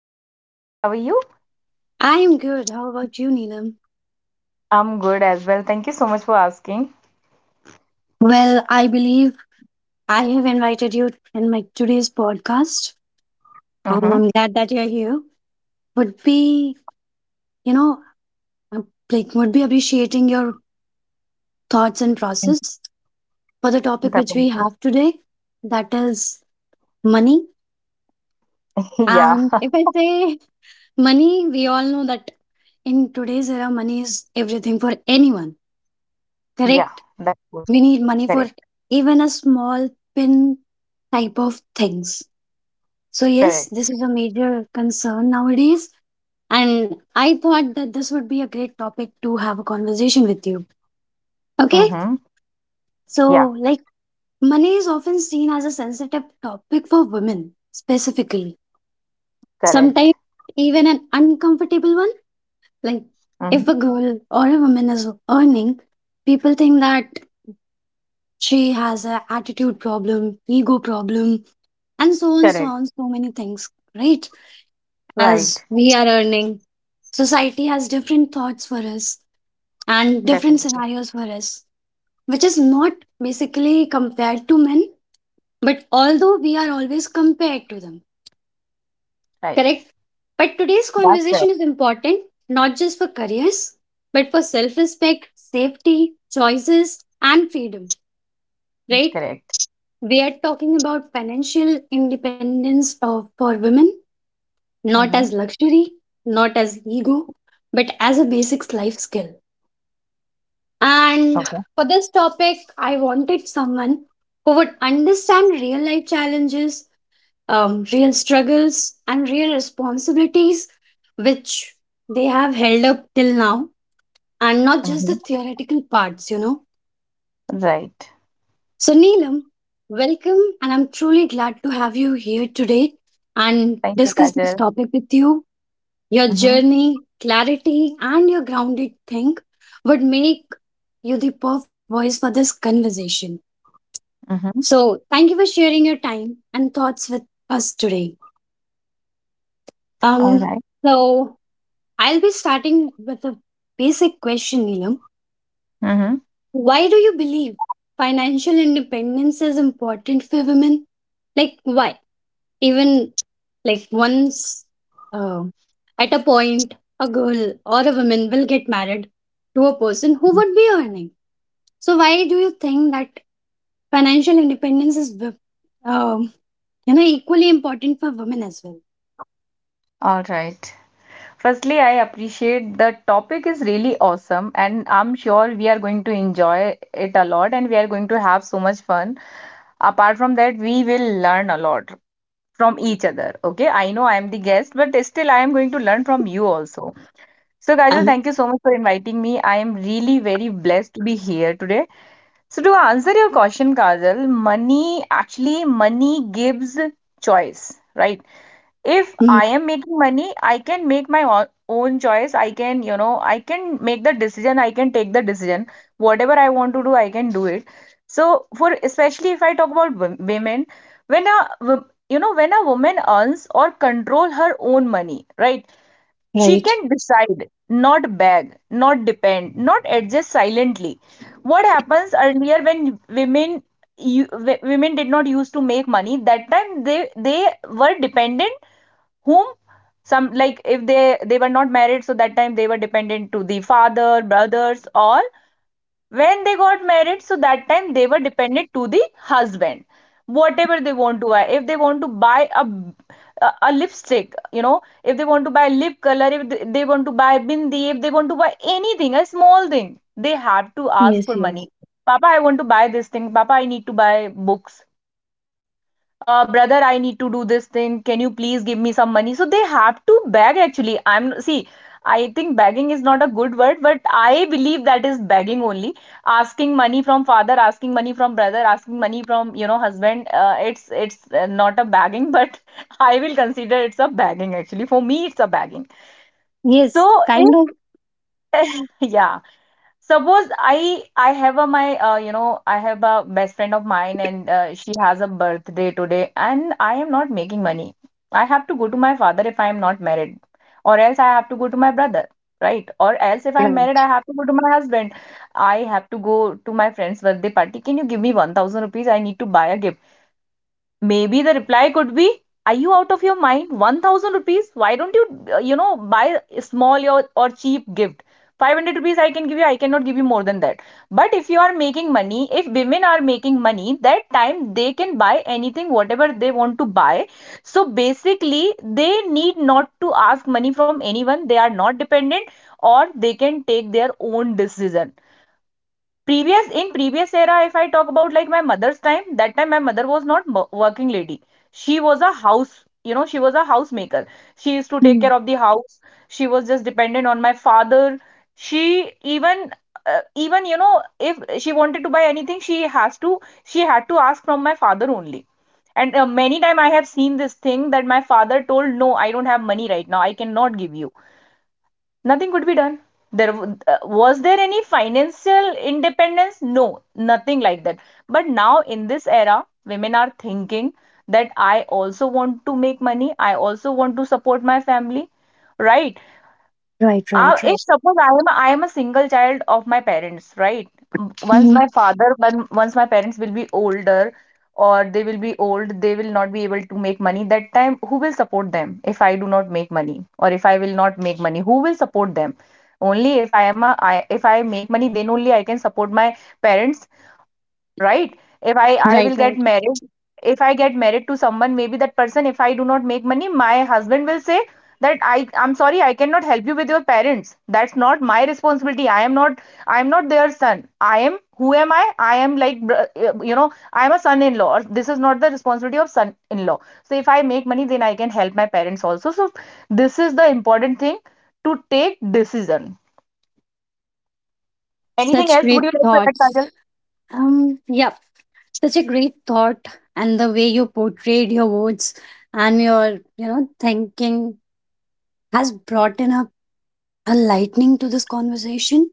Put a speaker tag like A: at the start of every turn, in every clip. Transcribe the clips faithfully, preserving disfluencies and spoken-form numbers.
A: Hi Kajal, how are you?
B: I am good. How about you, Neelam?
A: I'm good as well. Thank you so much for asking.
B: Well, I believe I have invited you in my today's podcast, and
A: Mm-hmm.
B: I'm glad that you're here. Would be, you know, uh, like would be appreciating your thoughts and process for the topic which we
A: Definitely.
B: have today, that is money.
A: Yeah,
B: And if I say money, we all know that in today's era, money is everything for anyone.
A: yeah,
B: Correct?
A: that's good.
B: We need money for
A: Correct,
B: even a small pin type of things. So, yes,
A: correct.
B: this is a major concern nowadays. And I thought that this would be a great topic to have a conversation with you. Okay.
A: Mm-hmm.
B: So,
A: Yeah,
B: like, money is often seen as a sensitive topic for women specifically.
A: correct.
B: Sometimes, even an uncomfortable one. Like, if
A: Mm-hmm.
B: a girl or a woman is earning, people think that she has an attitude problem, ego problem, and so on, so
A: Correct.
B: on, so many things, right? As
A: Right.
B: we are earning, society has different thoughts for us and different
A: Definitely.
B: scenarios for us, which is not basically compared to men, but although we are always compared to them,
A: Right.
B: correct? But today's
A: That's
B: conversation
A: correct.
B: is important not just for careers, but for self respect, safety, choices, and freedom,
A: That's
B: right?
A: correct.
B: We are talking about financial independence of, for women, not as
A: Mm-hmm.
B: luxury, not as ego, but as a basic life skill. And
A: Okay.
B: for this topic, I wanted someone who would understand real life challenges, um, real struggles, and real responsibilities which they have held up till now, and not just the
A: Mm-hmm.
B: theoretical parts, you know.
A: Right.
B: So, Neelam, welcome, and I'm truly glad to have you here today and
A: Thank you,
B: discuss this
A: Kajal.
B: topic with you. Your
A: Mm-hmm.
B: journey, clarity, and your grounded think would make you the perfect voice for this conversation.
A: Mm-hmm.
B: So, thank you for sharing your time and thoughts with us today.
A: All
B: Um,
A: right.
B: so I'll be starting with a basic question, Neelam.
A: Mm-hmm.
B: Why do you believe financial independence is important for women? Like, why? Even like once uh, at a point, a girl or a woman will get married to a person who would be earning. So, why do you think that financial independence is, wo- um, you know, equally important for women as well?
A: All right. Firstly, I appreciate the topic is really awesome, and I'm sure we are going to enjoy it a lot and we are going to have so much fun. Apart from that, we will learn a lot from each other. Okay, I know I am the guest, but still, I am going to learn from you also. So, Kajal, thank you so much for inviting me. I am really very blessed to be here today. So, to answer your question, Kajal, money, actually money gives choice, right? If
B: Mhm.
A: I am making money, I can make my o- own choice. I can, you know, I can make the decision. I can take the decision. Whatever I want to do, I can do it. So, for especially if I talk about wo- women, when a wo- you know, when a woman earns or control her own money, right? She
B: Right.
A: can decide, not beg, not depend, not adjust silently. What happens earlier, when women you, women did not used to make money, that time they they were dependent, whom, some, like if they, they were not married, so that time they were dependent to the father, brothers, or when they got married, so that time they were dependent to the husband. Whatever they want to buy, if they want to buy a a, a lipstick, you know, if they want to buy lip color, if they, they want to buy bindi, if they want to buy anything, a small thing, they have to ask
B: Yes,
A: for money.
B: yes.
A: Papa, I want to buy this thing. Papa, I need to buy books. Uh, brother, I need to do this thing. Can you please give me some money? So they have to beg, actually. I'm, see, I think begging is not a good word, but I believe that is begging only. Asking money from father, asking money from brother, asking money from, you know, husband. Uh, it's it's uh, not a begging, but I will consider it's a begging, actually. For me, it's a begging. So
B: Yes, kind of.
A: if yeah. Suppose I I have a my uh, you know, I have a best friend of mine and uh, she has a birthday today and I am not making money. I have to go to my father if I am not married, or else I have to go to my brother, right? Or else if I'm married,
B: Right.
A: I have to go to my husband. I have to go to my friend's birthday party. Can you give me one thousand rupees? I need to buy a gift. Maybe the reply could be, "Are you out of your mind? one thousand rupees? Why don't you, uh, you know, buy a small or, or cheap gift? five hundred rupees I can give you, I cannot give you more than that." But if you are making money, if women are making money, that time they can buy anything, whatever they want to buy. So basically, they need not to ask money from anyone. They are not dependent, or they can take their own decision. Previous, in previous era, if I talk about like my mother's time, that time my mother was not working lady. She was a house, you know, she was a housemaker. She used to take
B: Mhm.
A: care of the house. She was just dependent on my father. She, even, uh, even, you know, if she wanted to buy anything, she has to, she had to ask from my father only. And uh, many time I have seen this thing, that my father told, "No, I don't have money right now. I cannot give you." Nothing could be done there. Uh, was there any financial independence? No, nothing like that. But now in this era, women are thinking that I also want to make money, I also want to support my family, right?
B: Right,
A: Uh,
B: right,
A: if
B: right.
A: suppose I am I am a single child of my parents, right? M- Once my
B: Mhm.
A: father, when- once my parents will be older, or they will be old, they will not be able to make money. That time, who will support them if I do not make money or if I will not make money? Who will support them? Only if I am a I, if I make money, then only I can support my parents, right? If i i
B: Right,
A: will get
B: right.
A: married, if I get married to someone, maybe that person, if I do not make money, my husband will say that i i'm sorry, I cannot help you with your parents. That's not my responsibility. I am not i am not their son. I am, who am I? I am like br- uh, you know, I am a son in law, or this is not the responsibility of son in law. So if I make money, then I can help my parents also. So this is the important thing, to take decision. Anything
B: Such
A: else would
B: great
A: you like to add,
B: thoughts.
A: Kajal?
B: Um, yeah, such a great thought, and the way you portrayed your words and your, you know, thinking has brought in a, a lightning to this conversation.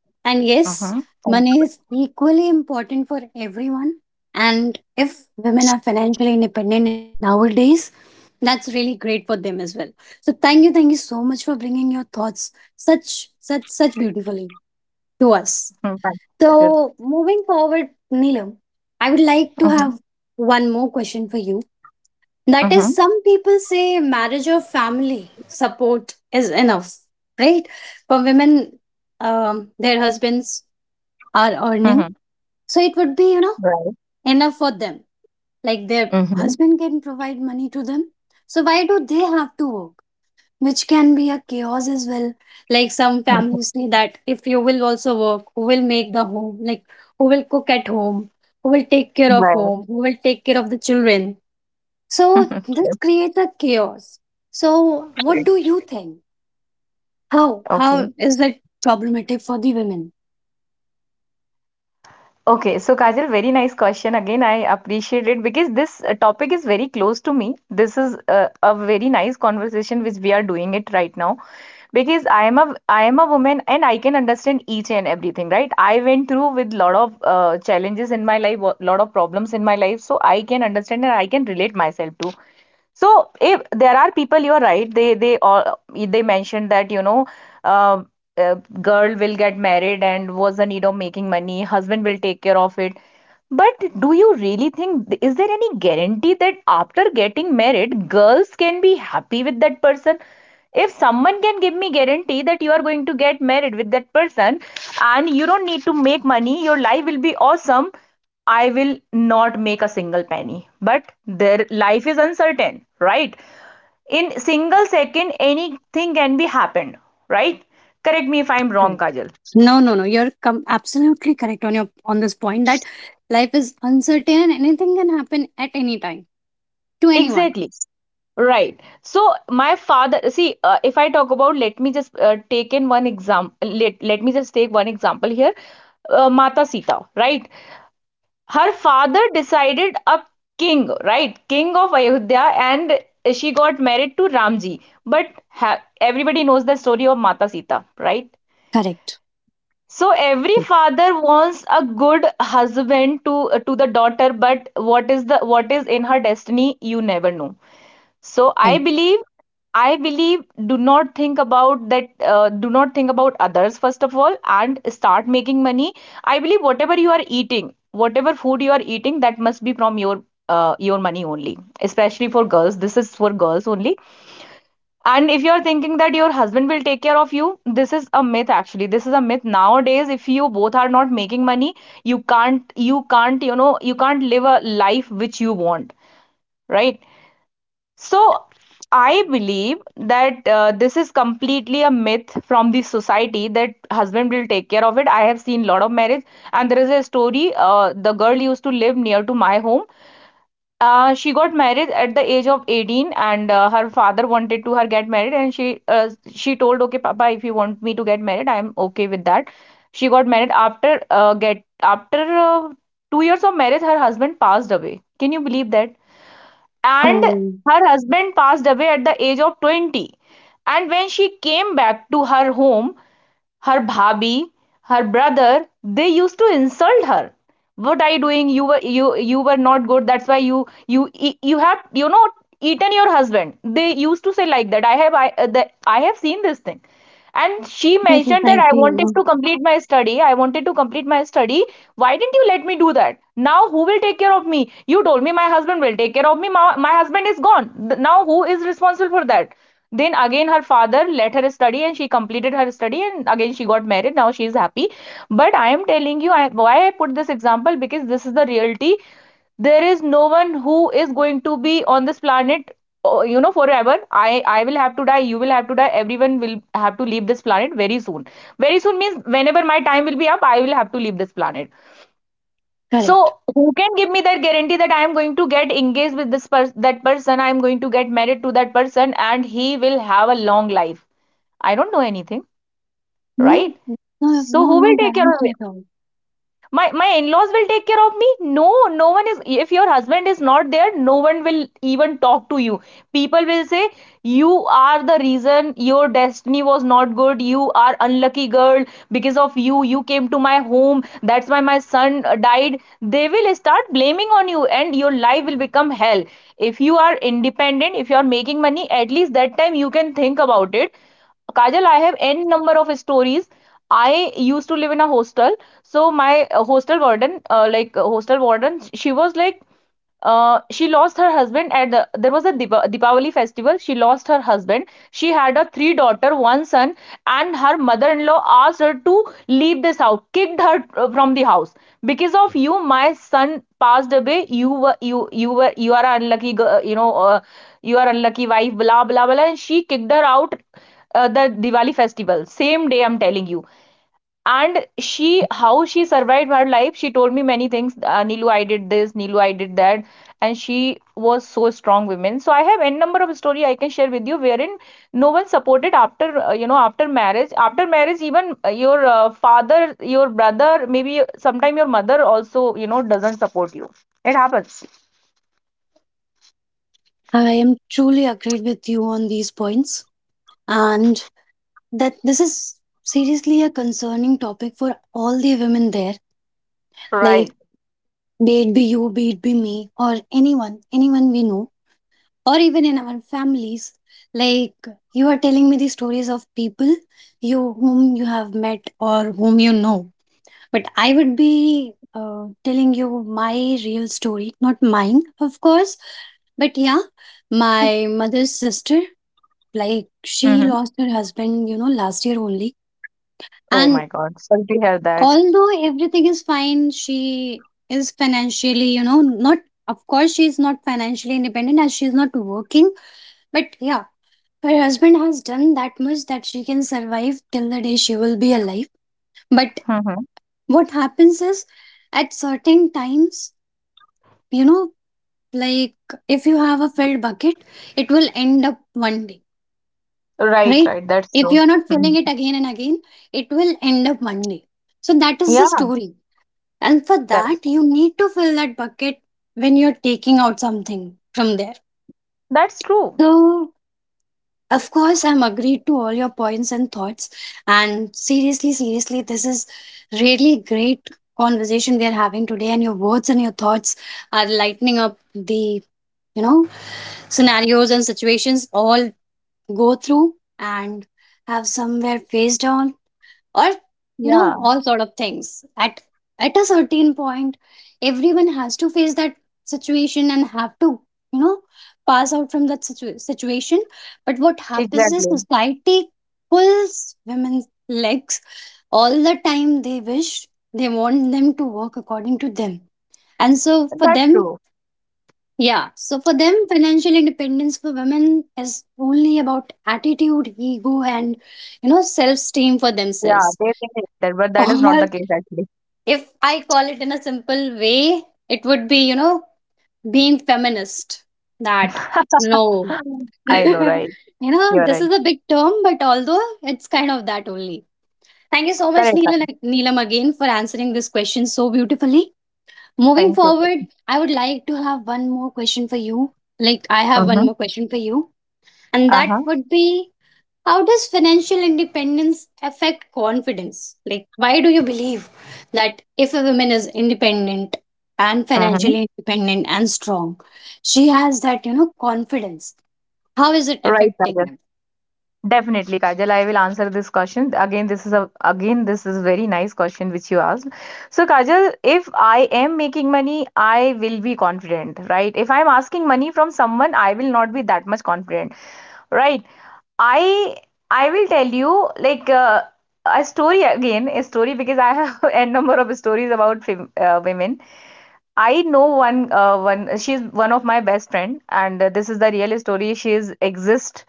A: Mm-hmm. Thank
B: And yes,
A: you.
B: money is equally important for everyone. And if women are financially independent in nowadays, that's really great for them as well. So thank you, thank you so much for bringing your thoughts such such such beautifully to
A: Mm, thank
B: us.
A: you, Kajal.
B: So moving forward, Neelam, I would
A: Mhm,
B: like to have one more question for you.
A: mhm.
B: That is, some people say marriage or family support is enough, right? For women, um, their husbands are
A: Mhm.
B: earning, so it would be, you know,
A: Right.
B: enough for them. Like their
A: Mhm.
B: husband can provide money to them, so why do they have to work, which can be a chaos as well. Like some
A: Mhm.
B: families say that if you will also work, who will make the home? Like who will cook at home? Who will take care of
A: Right.
B: home? Who will take care of the children? So this
A: Okay.
B: creates a chaos. So what do you think? How
A: Okay.
B: how is that problematic for the women?
A: Okay. So, Kajal, very nice question. Again, I appreciate it because this uh, topic is very close to me. This is uh, a very nice conversation which we are doing it right now, because I am a I am a woman and I can understand each and everything, right? I went through with lot of uh, challenges in my life, a lot of problems in my life, so I can understand and I can relate myself to. So if there are people, you're right. They they all they mentioned that, you know, uh, uh, girl will get married and was the need of making money. Husband will take care of it. But do you really think, is there any guarantee that after getting married girls can be happy with that person? If someone can give me guarantee that you are going to get married with that person and you don't need to make money, your life will be awesome, I will not make a single penny. But their life is uncertain, right? In single second anything can be happened, right? Correct me if I'm
B: Correct,
A: wrong,
B: correct.
A: Kajal.
B: No, no, no. You're com- absolutely correct on your on this point that life is uncertain and anything can happen at any time to anyone.
A: Exactly. Right. So my father, see, uh, if I talk about, let me just uh, take in one example. Let, let me just take one example here. Uh, Mata Sita, right?
B: Right.
A: Her father decided a king, right? King of Ayodhya, and she got married to Ramji. But ha, everybody knows the story of Mata Sita, right?
B: Correct.
A: So every father wants a good husband to to the daughter, but what is the, what is in her destiny, you never know. So I
B: Right.
A: believe, I believe, do not think about that, uh, do not think about others first of all and start making money. I believe, whatever you are eating, whatever food you are eating, that must be from your uh, your money only. Especially for girls, this is for girls only. And if you are thinking that your husband will take care of you, this is a myth, actually. This is a myth nowadays. If you both are not making money, you can't you can't you know, you can't live a life which you want, right?
B: Right.
A: So I believe that uh, this is completely a myth from the society, that husband will take care of it. I have seen a lot of marriage, and there is a story. Uh, the girl used to live near to my home. Uh, she got married at the age of eighteen, and uh, her father wanted to her get married, and she uh, she told, "Okay, Papa, if you want me to get married, I am okay with that." She got married, after uh, get after uh, two years of marriage, her husband passed away. Can you believe that? And
B: Oh,
A: her husband passed away at the age of twenty. And when she came back to her home, her bhabhi, her brother, they used to insult her. "What are you doing? You were you you were not good. That's why you you e- you have, you know, eaten your husband." They used to say like that. I have, I uh, the, I have seen this thing. And she
B: this is
A: mentioned that,
B: like
A: "I
B: the, you
A: wanted
B: know.
A: to complete my study. I wanted to complete my study. Why didn't you let me do that? Now who will take care of me? You told me my husband will take care of me. My, my husband is gone. Now who is responsible for that?" Then again, her father let her study and she completed her study and again she got married. Now she is happy. But I am telling you I, why I put this example, because this is the reality. There is no one who is going to be on this planet, uh, you know, forever. I, I will have to die. You will have to die. Everyone will have to leave this planet very soon. Very soon means whenever my time will be up, I will have to leave this planet.
B: Correct.
A: So who can give me that guarantee that I am going to get engaged with this person, that person, I am going to get married to that person, and he will have a long life? I don't know anything,
B: No,
A: right?
B: no,
A: So
B: no,
A: who
B: no
A: will take care of
B: guarantee at all.
A: my my in-laws will take care of me. No, no one is. If your husband is not there, no one will even talk to you. People will say you are the reason, your destiny was not good, you are unlucky girl. Because of you, you came to my home, that's why my son uh, died. They will start blaming on you and your life will become hell. If you are independent, if you are making money, at least that time you can think about it. Kajal, I have N number of stories. I used to live in a hostel, so my uh, hostel warden, uh, like uh, hostel warden, she was like uh, she lost her husband at the, there was a Deepa, Deepavali festival. She lost her husband. She had a three daughter, one son, and her mother-in-law asked her to leave this house, kicked her uh, from the house. Because of you, my son passed away. You were you you were you are unlucky. You know, uh, you are unlucky wife. Blah blah blah. And she kicked her out uh, the Diwali festival. Same day, I'm telling you. And she, how she survived her life, she told me many things. Uh, nilu, I did this, Nilu, I did that. And she was so strong women. So I have N number of story I can share with you wherein no one supported after uh, you know after marriage after marriage. Even uh, your uh, father, your brother, maybe sometime your mother also, you know, doesn't support you. It happens.
B: I am truly agreed with you on these points, and that this is seriously a concerning topic for all the women there. Like,
A: Right.
B: be it be you, be it be me, or anyone, anyone we know, or even in our families. Like, you are telling me the stories of people you whom you have met or whom you know. But I would be uh, telling you my real story, not mine, of course. But yeah, my mother's sister, like
A: Mm-hmm.
B: she lost her husband, you know, last year only.
A: Oh my god,
B: And
A: sorry to hear that.
B: although everything is fine, she is financially, you know, not, of course, she is not financially independent as she is not working. But yeah, her husband has done that much that she can survive till the day she will be alive. But
A: Mm-hmm.
B: what happens is at certain times, you know, like if you have a filled bucket, it will end up one day,
A: Right,
B: right?
A: right. That's
B: If
A: true.
B: you're not
A: Hmm.
B: filling it again and again, it will end up one day. So that is the
A: Yeah.
B: story. And for that,
A: Correct.
B: you need to fill that bucket when you're taking out something from there.
A: That's true.
B: So, of course, I'm agreed to all your points and thoughts. And seriously, seriously, this is really great conversation we are having today. And your words and your thoughts are lightening up the, you know, scenarios and situations all go through and have somewhere face down or, you know,
A: Yeah.
B: all sort of things at at a certain point everyone has to face that situation and have to, you know, pass out from that situ- situation. But what happens is
A: Exactly.
B: society pulls women's legs all the time they wish. They want them to work according to them, and so for
A: That's
B: them,
A: true.
B: yeah. So for them, financial independence for women is only about attitude, ego, and, you know, self-esteem for
A: Yeah,
B: themselves.
A: they think it- that, but that is not
B: Or
A: the case actually.
B: if I call it in a simple way, it would be, you know, being feminist. That no.
A: I know,
B: you
A: right?
B: know,
A: You're
B: this
A: right.
B: is a big term, but although it's kind of that only. Thank you so much,
A: Correct, correct.
B: Neelam, Neelam again for answering this question so beautifully. Moving
A: Thank you.
B: forward, I would like to have one more question for you. Like I have one
A: Mm-hmm.
B: more question for you, and that
A: Uh-huh.
B: would be, how does financial independence affect confidence? Like why do you believe that if a woman is independent and
A: Mm-hmm.
B: financially independent and strong, she has that, you know, confidence? How is it
A: Right,
B: affecting
A: Sagar.
B: them?
A: Definitely, Kajal, I will answer this question. Again, this is a again, this is very nice question which you asked. So, Kajal, if I am making money, I will be confident, right? If I'm asking money from someone, I will not be that much confident, right? I I will tell you like, uh, a story again, a story, because I have a number of stories about fem- uh, women. I know one uh, one, she's one of my best friend, and uh, this is the real story, she is exist.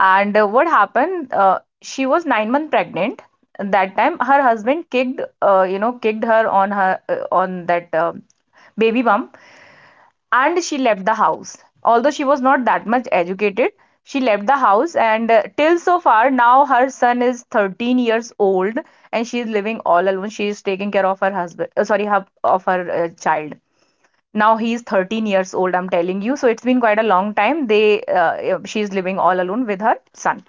A: And uh, what happened, uh, she was nine month pregnant. That time her husband kicked, uh, you know kicked her on her uh, on that uh, baby bump, and she left the house. Although she was not that much educated, she left the house. And uh, till so far, now her son is thirteen years old and she is living all alone. She is taking care of her husband uh, sorry her, of her uh, child. Now he is thirteen years old, I'm telling you. So it's been quite a long time they uh, she's living all alone with her son.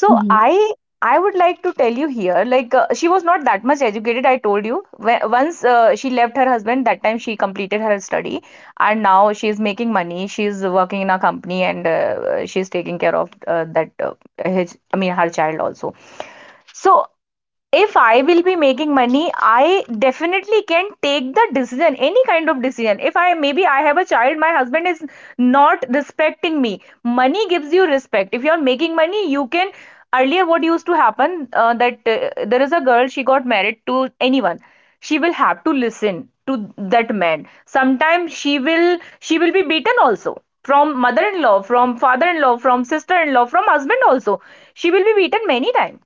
A: So i i would like to tell you here, like, uh, she was not that much educated, I told you. When, once uh, she left her husband, that time she completed her study. And now she is making money. She is working in a company, and uh, she is taking care of uh, that uh, his, I mean, her child also. So if I will be making money, I definitely can take the decision, any kind of decision. If I, maybe I have a child, my husband is not respecting me. Money gives you respect. If you are making money, you can. Earlier, what used to happen, uh, that uh, there is a girl, she got married to anyone. She will have to listen to that man. Sometimes she will she will be beaten also, from mother-in-law, from father-in-law, from sister-in-law, from husband also. She will be beaten many times.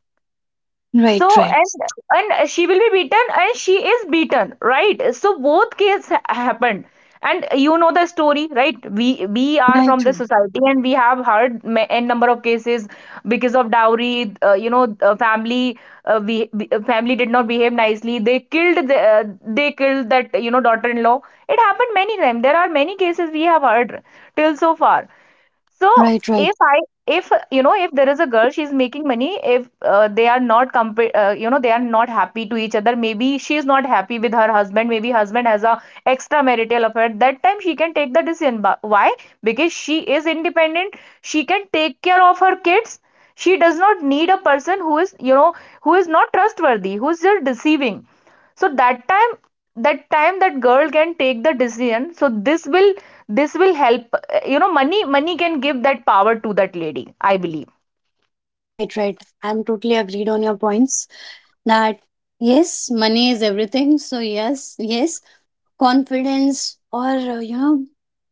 A: So and and she will be beaten and she is beaten, right? So both case ha- happened. And you know the story, right? We we are
B: Right,
A: from the
B: right,
A: society and we have heard ma- N number of cases because of dowry. Uh, you know, uh, family, uh, we, we- uh, family did not behave nicely. They killed the, uh, they killed that, you know, daughter-in-law. It happened many times. There are many cases we have heard till so far. So
B: right, right.
A: if I if you know, if there is a girl, she's making money, if uh, they are not compa- uh, you know, they are not happy to each other, maybe she's not happy with her husband, maybe husband has a extramarital affair, that time she can take the decision. But why? Because she is independent, she can take care of her kids. She does not need a person who is, you know, who is not trustworthy, who is just deceiving. So that time that time that girl can take the decision. So this will this will help. You know, money money can give that power to that lady, I believe.
B: Right, right. I'm totally agreed on your points that yes, money is everything. So, yes, yes, confidence or, uh, you know,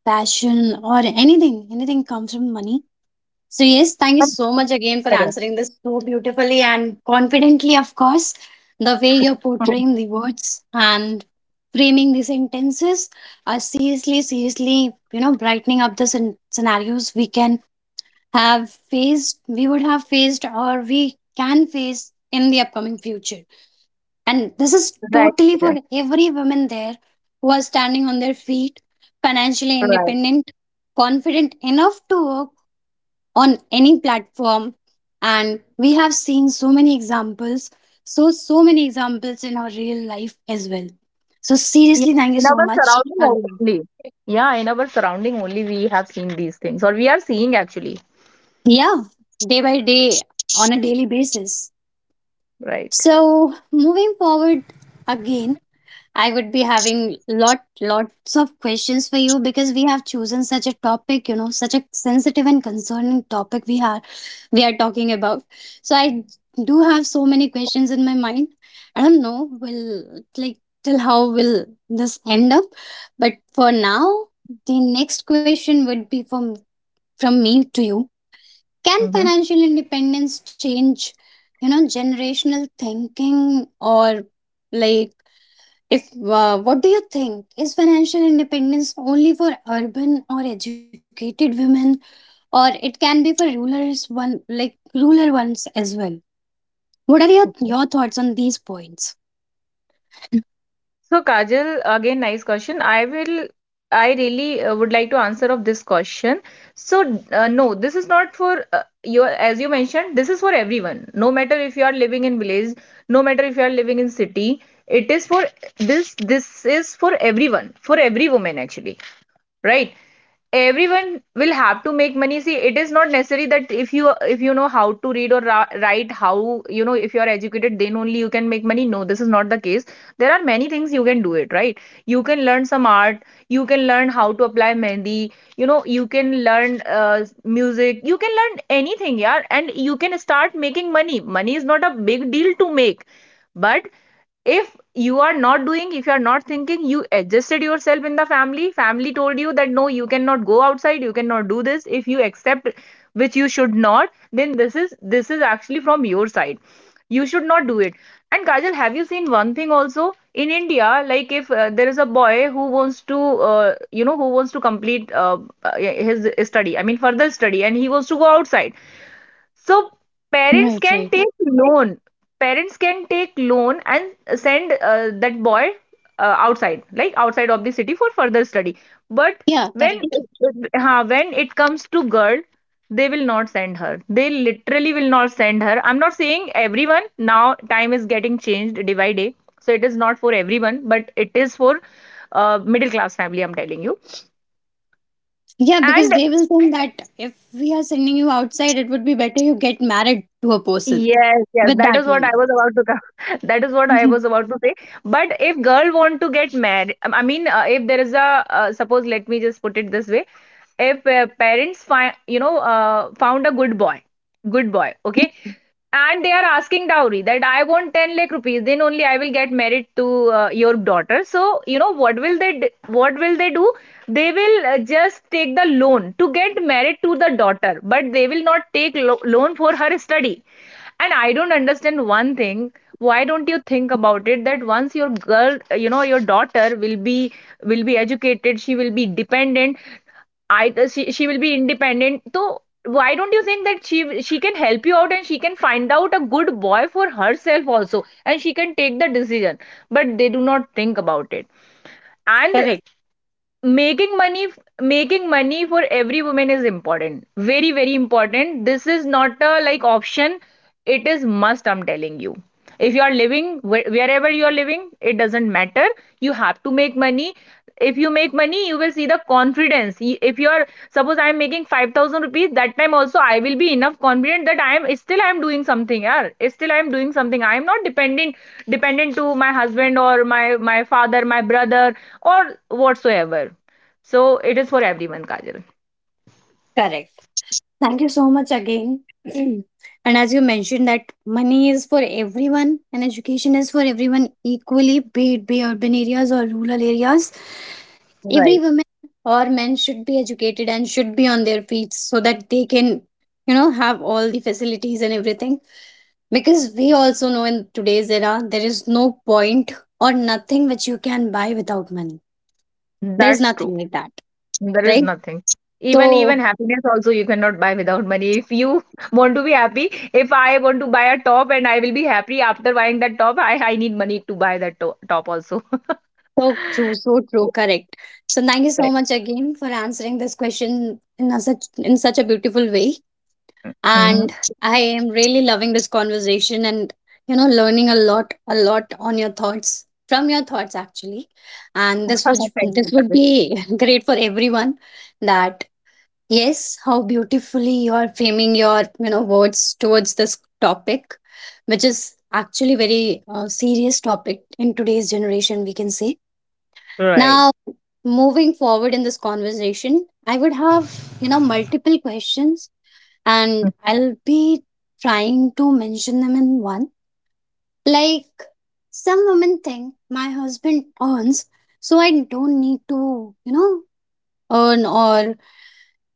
B: passion or anything, anything comes from money. So, yes, thank you so much again for
A: Correct.
B: answering this so beautifully and confidently, of course. The way you're
A: Mhm.
B: portraying the words and framing the sentences are seriously, seriously, you know, brightening up the scen- scenarios we can have faced, we would have faced, or we can face in the upcoming future. And this is
A: Right. Yeah.
B: totally for every woman there who are standing on their feet, financially
A: Right.
B: independent, confident enough to work on any platform. And we have seen so many examples, so so many examples in our real life as well. So
A: Yeah.
B: seriously thank you
A: In
B: so
A: our
B: much
A: surrounding
B: again.
A: only. Yeah, in our surrounding only we have seen these things, or we are seeing actually.
B: Yeah, day by day, on a daily basis.
A: Right.
B: So moving forward again, I would be having lot lots of questions for you because we have chosen such a topic, you know, such a sensitive and concerning topic we are we are talking about. So I do have so many questions in my mind. I don't know will like till how will this end up, but for now the next question would be from from me to you. Can
A: Mm-hmm.
B: financial independence change, you know, generational thinking? Or like if uh, what do you think? Is financial independence only for urban or educated women, or it can be for rulers one like ruler ones as well? What are your your thoughts on these points?
A: So Kajal, again, nice question. I will, I really uh, would like to answer of this question. So uh, no, this is not for uh, your, as you mentioned, this is for everyone. No matter if you are living in village, no matter if you are living in city, it is for this. This is for everyone, for every woman actually, right? Everyone
B: Right,
A: will have to make money. See, it is not necessary that if you if you know how to read or ra- write, how, you know, if you are educated, then only you can make money. No, this is not the case. There are many things you can do it, right? You can learn some art, you can learn how to apply mehndi, you know, you can learn uh, music, you can learn anything. Yeah. And you can start making money. Money is not a big deal to make. But if you are not doing, if you are not thinking, you adjusted yourself in the family, family told you that no, you cannot go outside, you cannot do this, if you accept, which you should not, then this is this is actually from your side. You should not do it. And Kajal, have you seen one thing also in India? Like if uh, there is a boy who wants to uh, you know who wants to complete, uh, uh, his study, I mean, further study, and he wants to go outside, so
B: right,
A: parents
B: right.
A: can take loan. Parents can take loan and send uh, that boy uh, outside, like outside of the city for further study. But
B: Yeah,
A: when,
B: correct.
A: uh, when it comes to girl, they will not send her. They literally will not send her. I'm not saying everyone now. Time is getting changed day by day, so it is not for everyone, but it is for uh, middle class family. I'm telling you.
B: Yeah,
A: And
B: because they will think that if we are sending you outside, it would be better you get married to a person
A: yes, yes,
B: with
A: that
B: that
A: is what I
B: money.
A: was about to come. That is what I
B: Mhm.
A: was about to say. But if girl want to get married, um, I mean, uh, if there is a uh, suppose, let me just put it this way: if uh, parents find, you know, uh, found a good boy, good boy, okay, and they are asking dowry that I want ten lakh rupees, then only I will get married to uh, your daughter. So, you know, what will they d- what will they do? They will uh, just take the loan to get married to the daughter, but they will not take lo- loan for her study. And I don't understand one thing. Why don't you think about it that once your girl, you know, your daughter will be, will be educated, she will be dependent, I she, she will be independent. So why don't you think that she she can help you out, and she can find out a good boy for herself also, and she can take the decision, but they do not think about it. And
B: Correct.
A: making money making money for every woman is important, very very important. This is not a like option, it is must, I'm telling you. If you are living where- wherever you are living, it doesn't matter. You have to make money. If you make money, you will see the confidence. Y- if you are, suppose I am making 5000 rupees, that time also I will be enough confident that I am still I am doing something, yeah, still I am doing something. I am not dependent dependent to my husband, or my my father, my brother, or whatsoever. So it is for everyone, Kajal.
B: Correct. Thank you so much again. And as you mentioned that money is for everyone and education is for everyone equally, be it be urban areas or rural areas. Every
A: Right.
B: woman or men should be educated and should be on their feet so that they can, you know, have all the facilities and everything. Because we also know in today's era there is no point or nothing which you can buy without money. There is
A: That's true.
B: nothing like that.
A: There is
B: Right?
A: nothing. Even even
B: So,
A: happiness also you cannot buy without money. If you want to be happy, if I want to buy a top and I will be happy after buying that top, I, I need money to buy that to top also.
B: so true, so true, correct. So thank you so
A: Right.
B: much again for answering this question in a such in such a beautiful way.
A: Mm-hmm.
B: And I am really loving this conversation and, you know, learning a lot, a lot on your thoughts, from your thoughts actually. And this would
A: Thank you,
B: this would
A: Kavya.
B: be great for everyone. That yes, how beautifully you are framing your, you know, words towards this topic, which is actually very uh, serious topic in today's generation we can say
A: Right.
B: now. Moving forward in this conversation, I would have, you know, multiple questions, and I'll be trying to mention them in one. Like, some women think my husband earns, so I don't need to, you know, earn or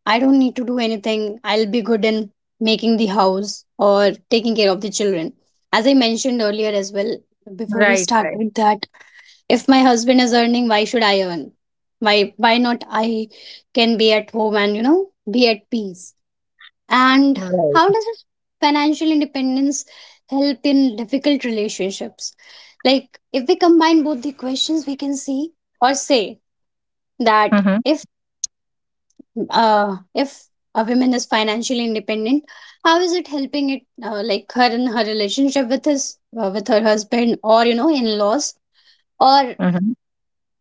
B: I don't need to do anything. I'll be good in making the house or taking care of the children. As I mentioned earlier as well, before we
A: Right, right,
B: started, that if my husband is earning, why should I earn? why why not I can be at home and, you know, be at peace? And
A: right.
B: how does this financial independence help in difficult relationships? Like, if we combine both the questions, we can see or say that
A: Mm-hmm.
B: if uh if a woman is financially independent, how is it helping it uh, like her in her relationship with his uh, with her husband or, you know, in laws, or
A: Mm-hmm.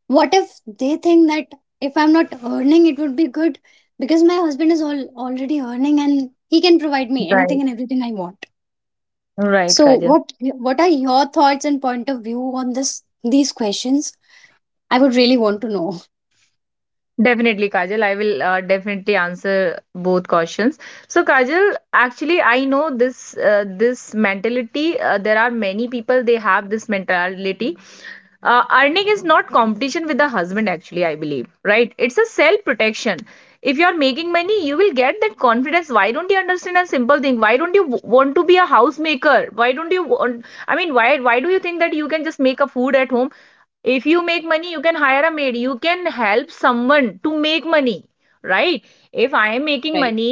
B: what if they think that if I'm not earning it would be good because my husband is all already earning and he can provide me anything
A: Right.
B: and everything I want?
A: Right,
B: So
A: Kajal.
B: what what are your thoughts and point of view on this these questions? I would really want to know.
A: Definitely, Kajal. I will uh, definitely answer both questions. So, Kajal, actually, I know this uh, this mentality. Uh, there are many people, they have this mentality. Uh, earning is not competition with the husband. Actually, I believe, right? It's a self protection. If you are making money, you will get that confidence. Why don't you understand a simple thing? Why don't you w- want to be a housemaker? Why don't you want? I mean, why why do you think that you can just make a food at home? If you make money, you can hire a maid, you can help someone to make money, right? if I am
B: Right,
A: making
B: right.
A: money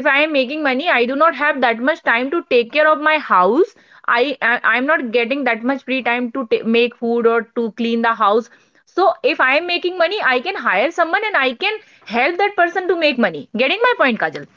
A: if I am making money, I do not have that much time to take care of my house. I I- am not getting that much free time to ta- make food or to clean the house. So if I am making money, I can hire someone, and I can help that person to make money. Getting my point, Kajal?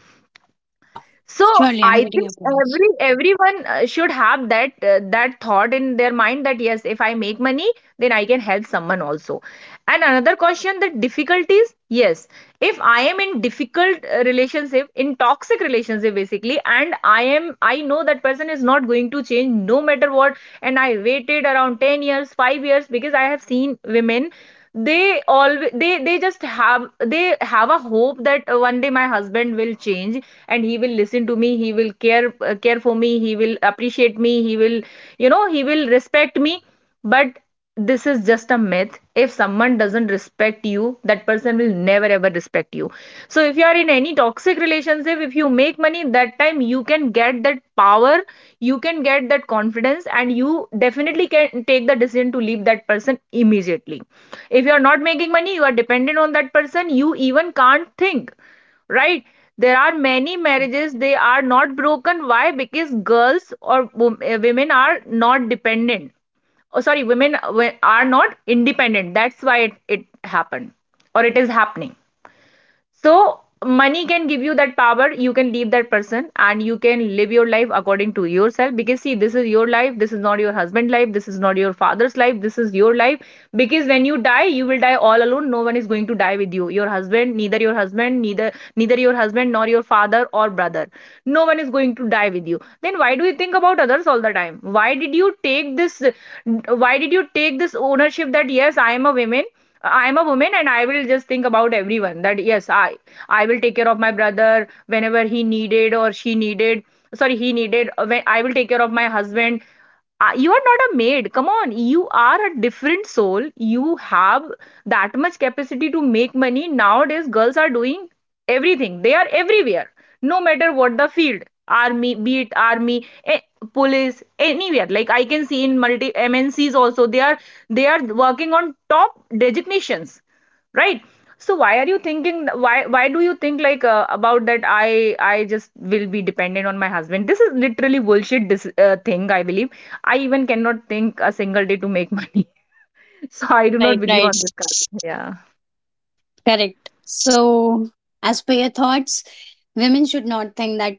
B: Yeah, yeah,
A: So,
B: surely I'm
A: I
B: getting
A: think
B: your points.
A: every everyone uh, should have that uh, that thought in their mind, that yes, if I make money, then I can help someone also. And another question, that difficulties, yes, if I am in difficult uh, relationship, in toxic relationship basically, and I am I know that person is not going to change no matter what, and I waited around ten years, five years, because I have seen women, they always they they just have they have a hope that uh, one day my husband will change, and he will listen to me, he will care uh, care for me, he will appreciate me, he will you know he will respect me. But this is just a myth. If someone doesn't respect you, that person will never ever respect you. So if you are in any toxic relationship, if you if you make money, that time you can get that power, you can get that confidence, and you definitely can take the decision to leave that person immediately. If you are not making money, you are dependent on that person, you even can't think, right? There are many
B: Right,
A: marriages they are not broken, why? Because girls or eh, women are not dependent, oh, sorry, women are not independent, that's why it, it happened, or it is happening. So, money can give you that power. You can leave that person and you can live your life according to yourself. Because, see, this is your life. This is not your husband's life. This is not your father's life. This is your life. Because when you die, you will die all alone. No one is going to die with you. Your husband, neither your husband, neither neither your husband nor your father or brother. No one is going to die with you. Then why do you think about others all the time? Why did you take this? Why did you take this ownership, that yes, I am a woman? I'm a woman, and I will just think about everyone, that yes, i i will take care of my brother whenever he needed or she needed, sorry, he needed, uh, when I will take care of my husband. Uh, you are not a maid, come on, you are a different soul, you have that much capacity to make money. Nowadays girls are doing everything, they are everywhere, no matter what the field. Army, be it army, eh, police, anywhere. Like I can see in multi MNCs also, they are they are working on top designations, right? So why are you thinking, why why do you think, like, uh, about that i i just will be dependent on my husband. This is literally bullshit, this uh, thing, I believe. I even cannot think a single day to make money. So I do not
B: right,
A: believe on
B: right.
A: this kind of- yeah.
B: Correct. So, as per your thoughts, women should not think that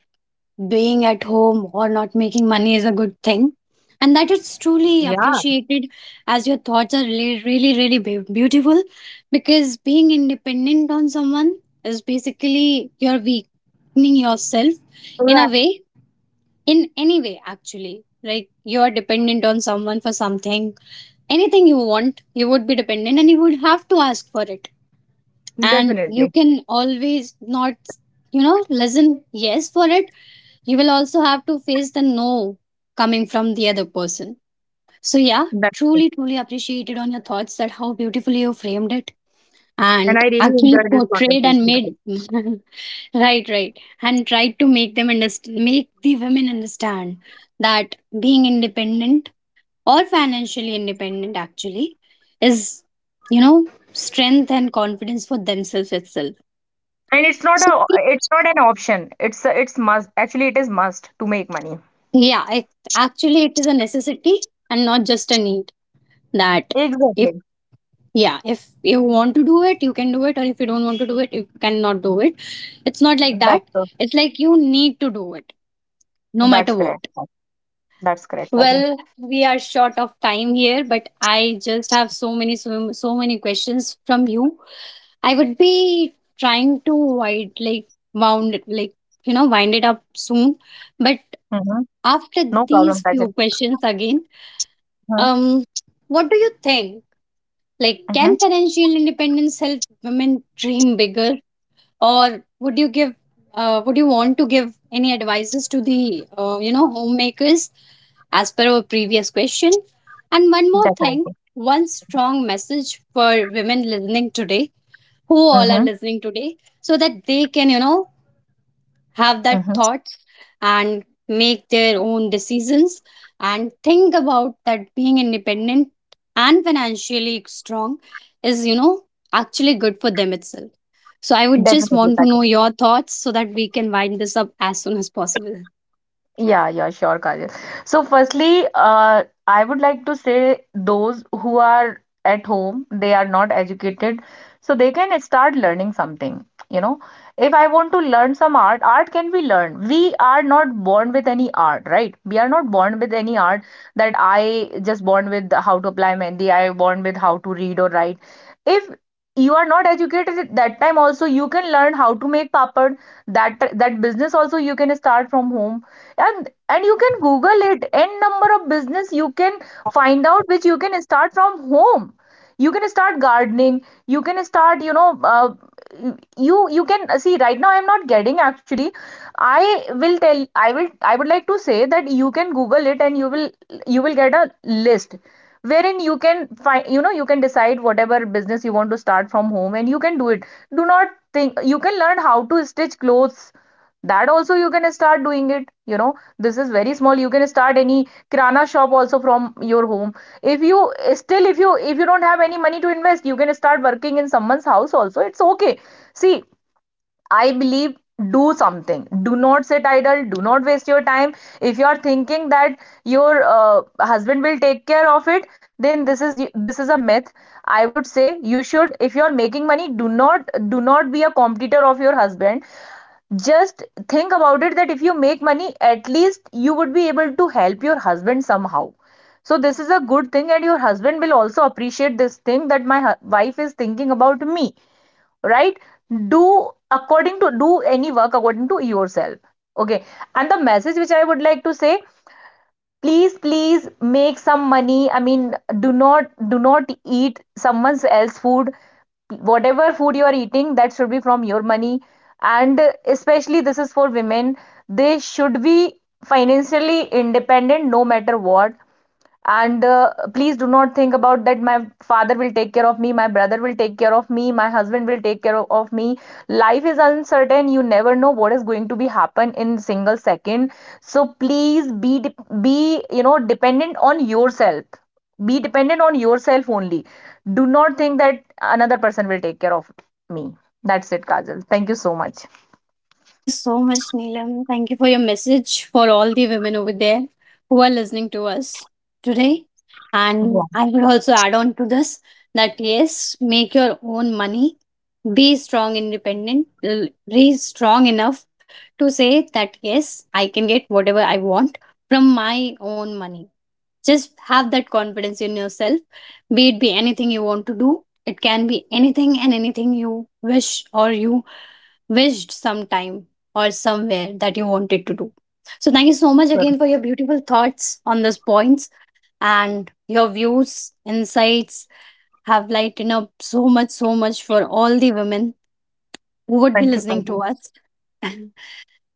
B: being at home or not making money is a good thing and that it's
A: Yeah.
B: truly appreciated. As your thoughts are really, really, really beau- beautiful, because being independent on someone is basically you're weakening
A: So that-
B: yourself in a way, in any way. Actually, like, you're dependent on someone for something. Anything you want, you would be dependent and you would have to ask for it. And
A: definitely.
B: you can always not, you know, listen yes for it. You will also have to face the no coming from the other person. So, yeah,
A: That
B: truly, truly appreciated on your thoughts, that how beautifully you framed it
A: And I
B: and
A: really
B: actually
A: enjoyed this
B: portrayed and
A: conversation, guys.
B: made. Right, right, and tried to make them understand, make the women understand, that being independent or financially independent actually is, you know, strength and confidence for themselves itself.
A: And it's not
B: So,
A: a it's not an option, it's a, it's must, actually it is must to make money.
B: yeah, it, actually, it is a necessity and not just a need. That if,
A: Exactly.
B: yeah, if you want to do it you can do it, or if you don't want to do it you cannot do it. It's not like
A: That's
B: that.
A: true.
B: It's like you need to do it, no
A: That's
B: matter
A: correct.
B: what.
A: That's correct, Sajal.
B: Well, we are short of time here, but I just have so many, so, so many questions from you. I would be trying to wind, like, wound it, like, you know, wind it up soon, but
A: Hmm.
B: after
A: No problem,
B: these few
A: Sajal.
B: questions again. um
A: Hmm.
B: what do you think? Like, can
A: Hmm.
B: financial independence help women dream bigger, or would you give, uh, would you want to give any advices to the, uh, you know, homemakers as per our previous question? And one more thing,
A: Definitely.
B: one strong message for women listening today, who all are
A: Hmm.
B: listening today, so that they can, you know, have that
A: Hmm.
B: thoughts and make their own decisions and think about that being independent and financially strong is, you know, actually good for them itself. So I would just
A: Definitely,
B: want to know
A: Sajal.
B: your thoughts so that we can wind this up as soon as possible.
A: Yeah, yeah, sure, Kajal. So, firstly, uh, I would like to say, those who are at home, they are not educated, so they can start learning something. You know, if I want to learn some art, art can be learned. We are not born with any art, right? We are not born with any art, that I just born with how to apply mehndi, I born with how to read or write. If you are not educated, at that time also you can learn how to make papad. That that business also you can start from home. And and you can google it, n number of business you can find out which you can start from home. You can start gardening, you can start, you know uh, you you can see right now I'm not getting actually. I will tell i will i would like to say that you can google it, and you will you will get a list, wherein you can find, you know you can decide whatever business you want to start from home, and you can do it. Do not think, you can learn how to stitch clothes, that also you can start doing it you know This is very small. You can start any kirana shop also from your home. If you still, if you if you don't have any money to invest, you can start working in someone's house also, it's okay. See, I believe, do something, do not sit idle, do not waste your time. If you are thinking that your uh, husband will take care of it, then this is this is a myth. I would say, you should, if you are making money, do not do not be a competitor of your husband. Just think about it, that if you make money, at least you would be able to help your husband somehow. So this is a good thing, and your husband will also appreciate this thing, that my wife is thinking about me, right? Do
B: Right.
A: according to, do any work according to yourself, okay? And the message which I would like to say, please please, make some money. I mean, do not do not eat someone's else food. Whatever food you are eating, that should be from your money. And especially this is for women, they should be financially independent, no matter what. And uh, please do not think about that, my father will take care of me, my brother will take care of me, my husband will take care of me. Life is uncertain, you never know what is going to be happen in single second. So please be, be you know dependent on yourself. Be dependent on yourself only. Do not think that another person will take care of me. That's it, Kajal, thank you so much.
B: Thank you so much, Neelam. Thank you for your message for all the women over there who are listening to us
A: Yeah.
B: today. And I would also add on to this that, yes, make your own money, be strong, independent, l- be strong enough to say that, yes, I can get whatever I want from my own money. Just have that confidence in yourself. Be it, be anything you want to do. It can be anything, and anything you wish or you wished sometime or somewhere that you wanted to do. So thank you so
A: Sure.
B: much again for your beautiful thoughts on those points, and your views, insights have lightened up so much, so much for all the women who would be
A: Thank you,
B: listening
A: Kajal.
B: to us.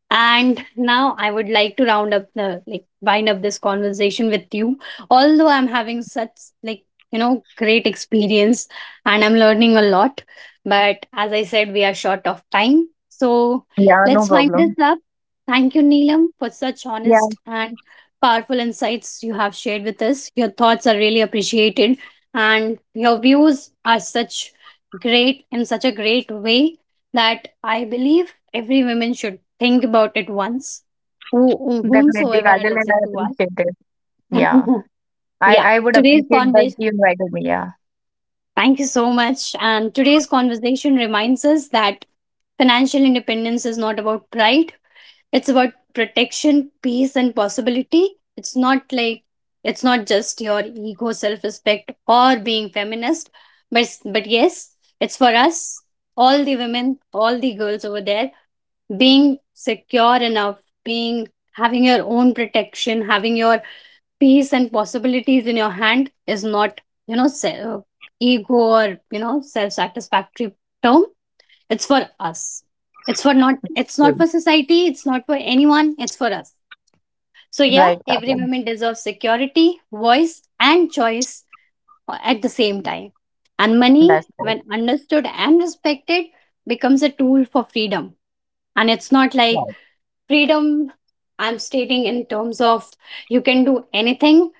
B: And now I would like to round up the, like, wind up this conversation with you. Although I'm having such, like, you know, great experience and I'm learning a lot, but as I said, we are short of time. So
A: Yeah. No
B: let's wind this
A: problem.
B: up. Thank you, Neelam, for such
A: Yeah.
B: honest and powerful insights you have shared with us. Your thoughts are really appreciated, and your views are such great in such a great way that I believe every woman should think about it once, who,
A: Definitely,
B: whomsoever are
A: Kajal, and
B: listening
A: I
B: to us.
A: appreciate it. Yeah. I
B: Yeah,
A: I would
B: today's
A: appreciate that
B: conversation,
A: you invited me. Yeah.
B: thank you so much. And today's conversation reminds us that financial independence is not about pride, it's about protection, peace, and possibility. It's not like, it's not just your ego, self respect, or being feminist, but, but yes, it's for us, all the women, all the girls over there, being secure enough, being having your own protection, having your peace and possibilities in your hand, is not, you know, se- uh, ego or, you know, self satisfactory term. It's for us. It's for not, it's
A: Sure.
B: not for society, it's not for anyone, it's for us. So, yeah,
A: Right,
B: every
A: Kajal.
B: woman deserves security, voice, and choice, uh, at the same time. And
A: That's
B: money,
A: right.
B: when understood and respected, becomes a tool for freedom. And it's not
A: Right.
B: like freedom I'm stating in terms of you can do anything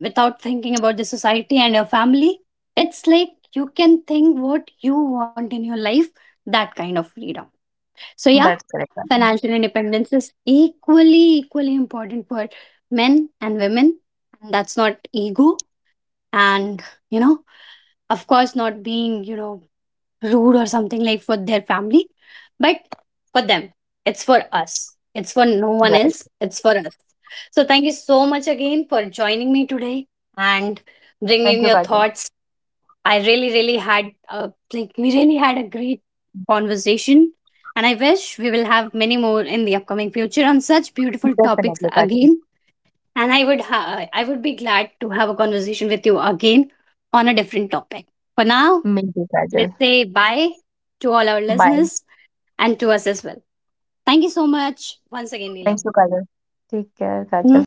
B: without thinking about the society and your family. It's like you can think what you want in your life, that kind of freedom. So,
A: That's
B: yeah,
A: correct, Kajal.
B: financial independence is equally, equally important for men and women, and that's not ego and, you know, of course not being, you know, rude or something, like, for their family, but for them. It's for us, it's for no
A: Right.
B: one else, it's for us. So thank you so much again for joining me today and
A: Thank you,
B: bringing your
A: Kajal.
B: thoughts. I really, really had a, like, we really had a great conversation, and I wish we will have many more in the upcoming future on such beautiful topics
A: Definitely, Kajal.
B: again. And I would ha- I would be glad to have a conversation with you again on a different topic. For now,
A: Me too, Kajal.
B: let's say bye to all our
A: Bye.
B: listeners and to us as well. Thank you so much once again,
A: Thank
B: Neelam.
A: you, Kajal. Take care, Kajal.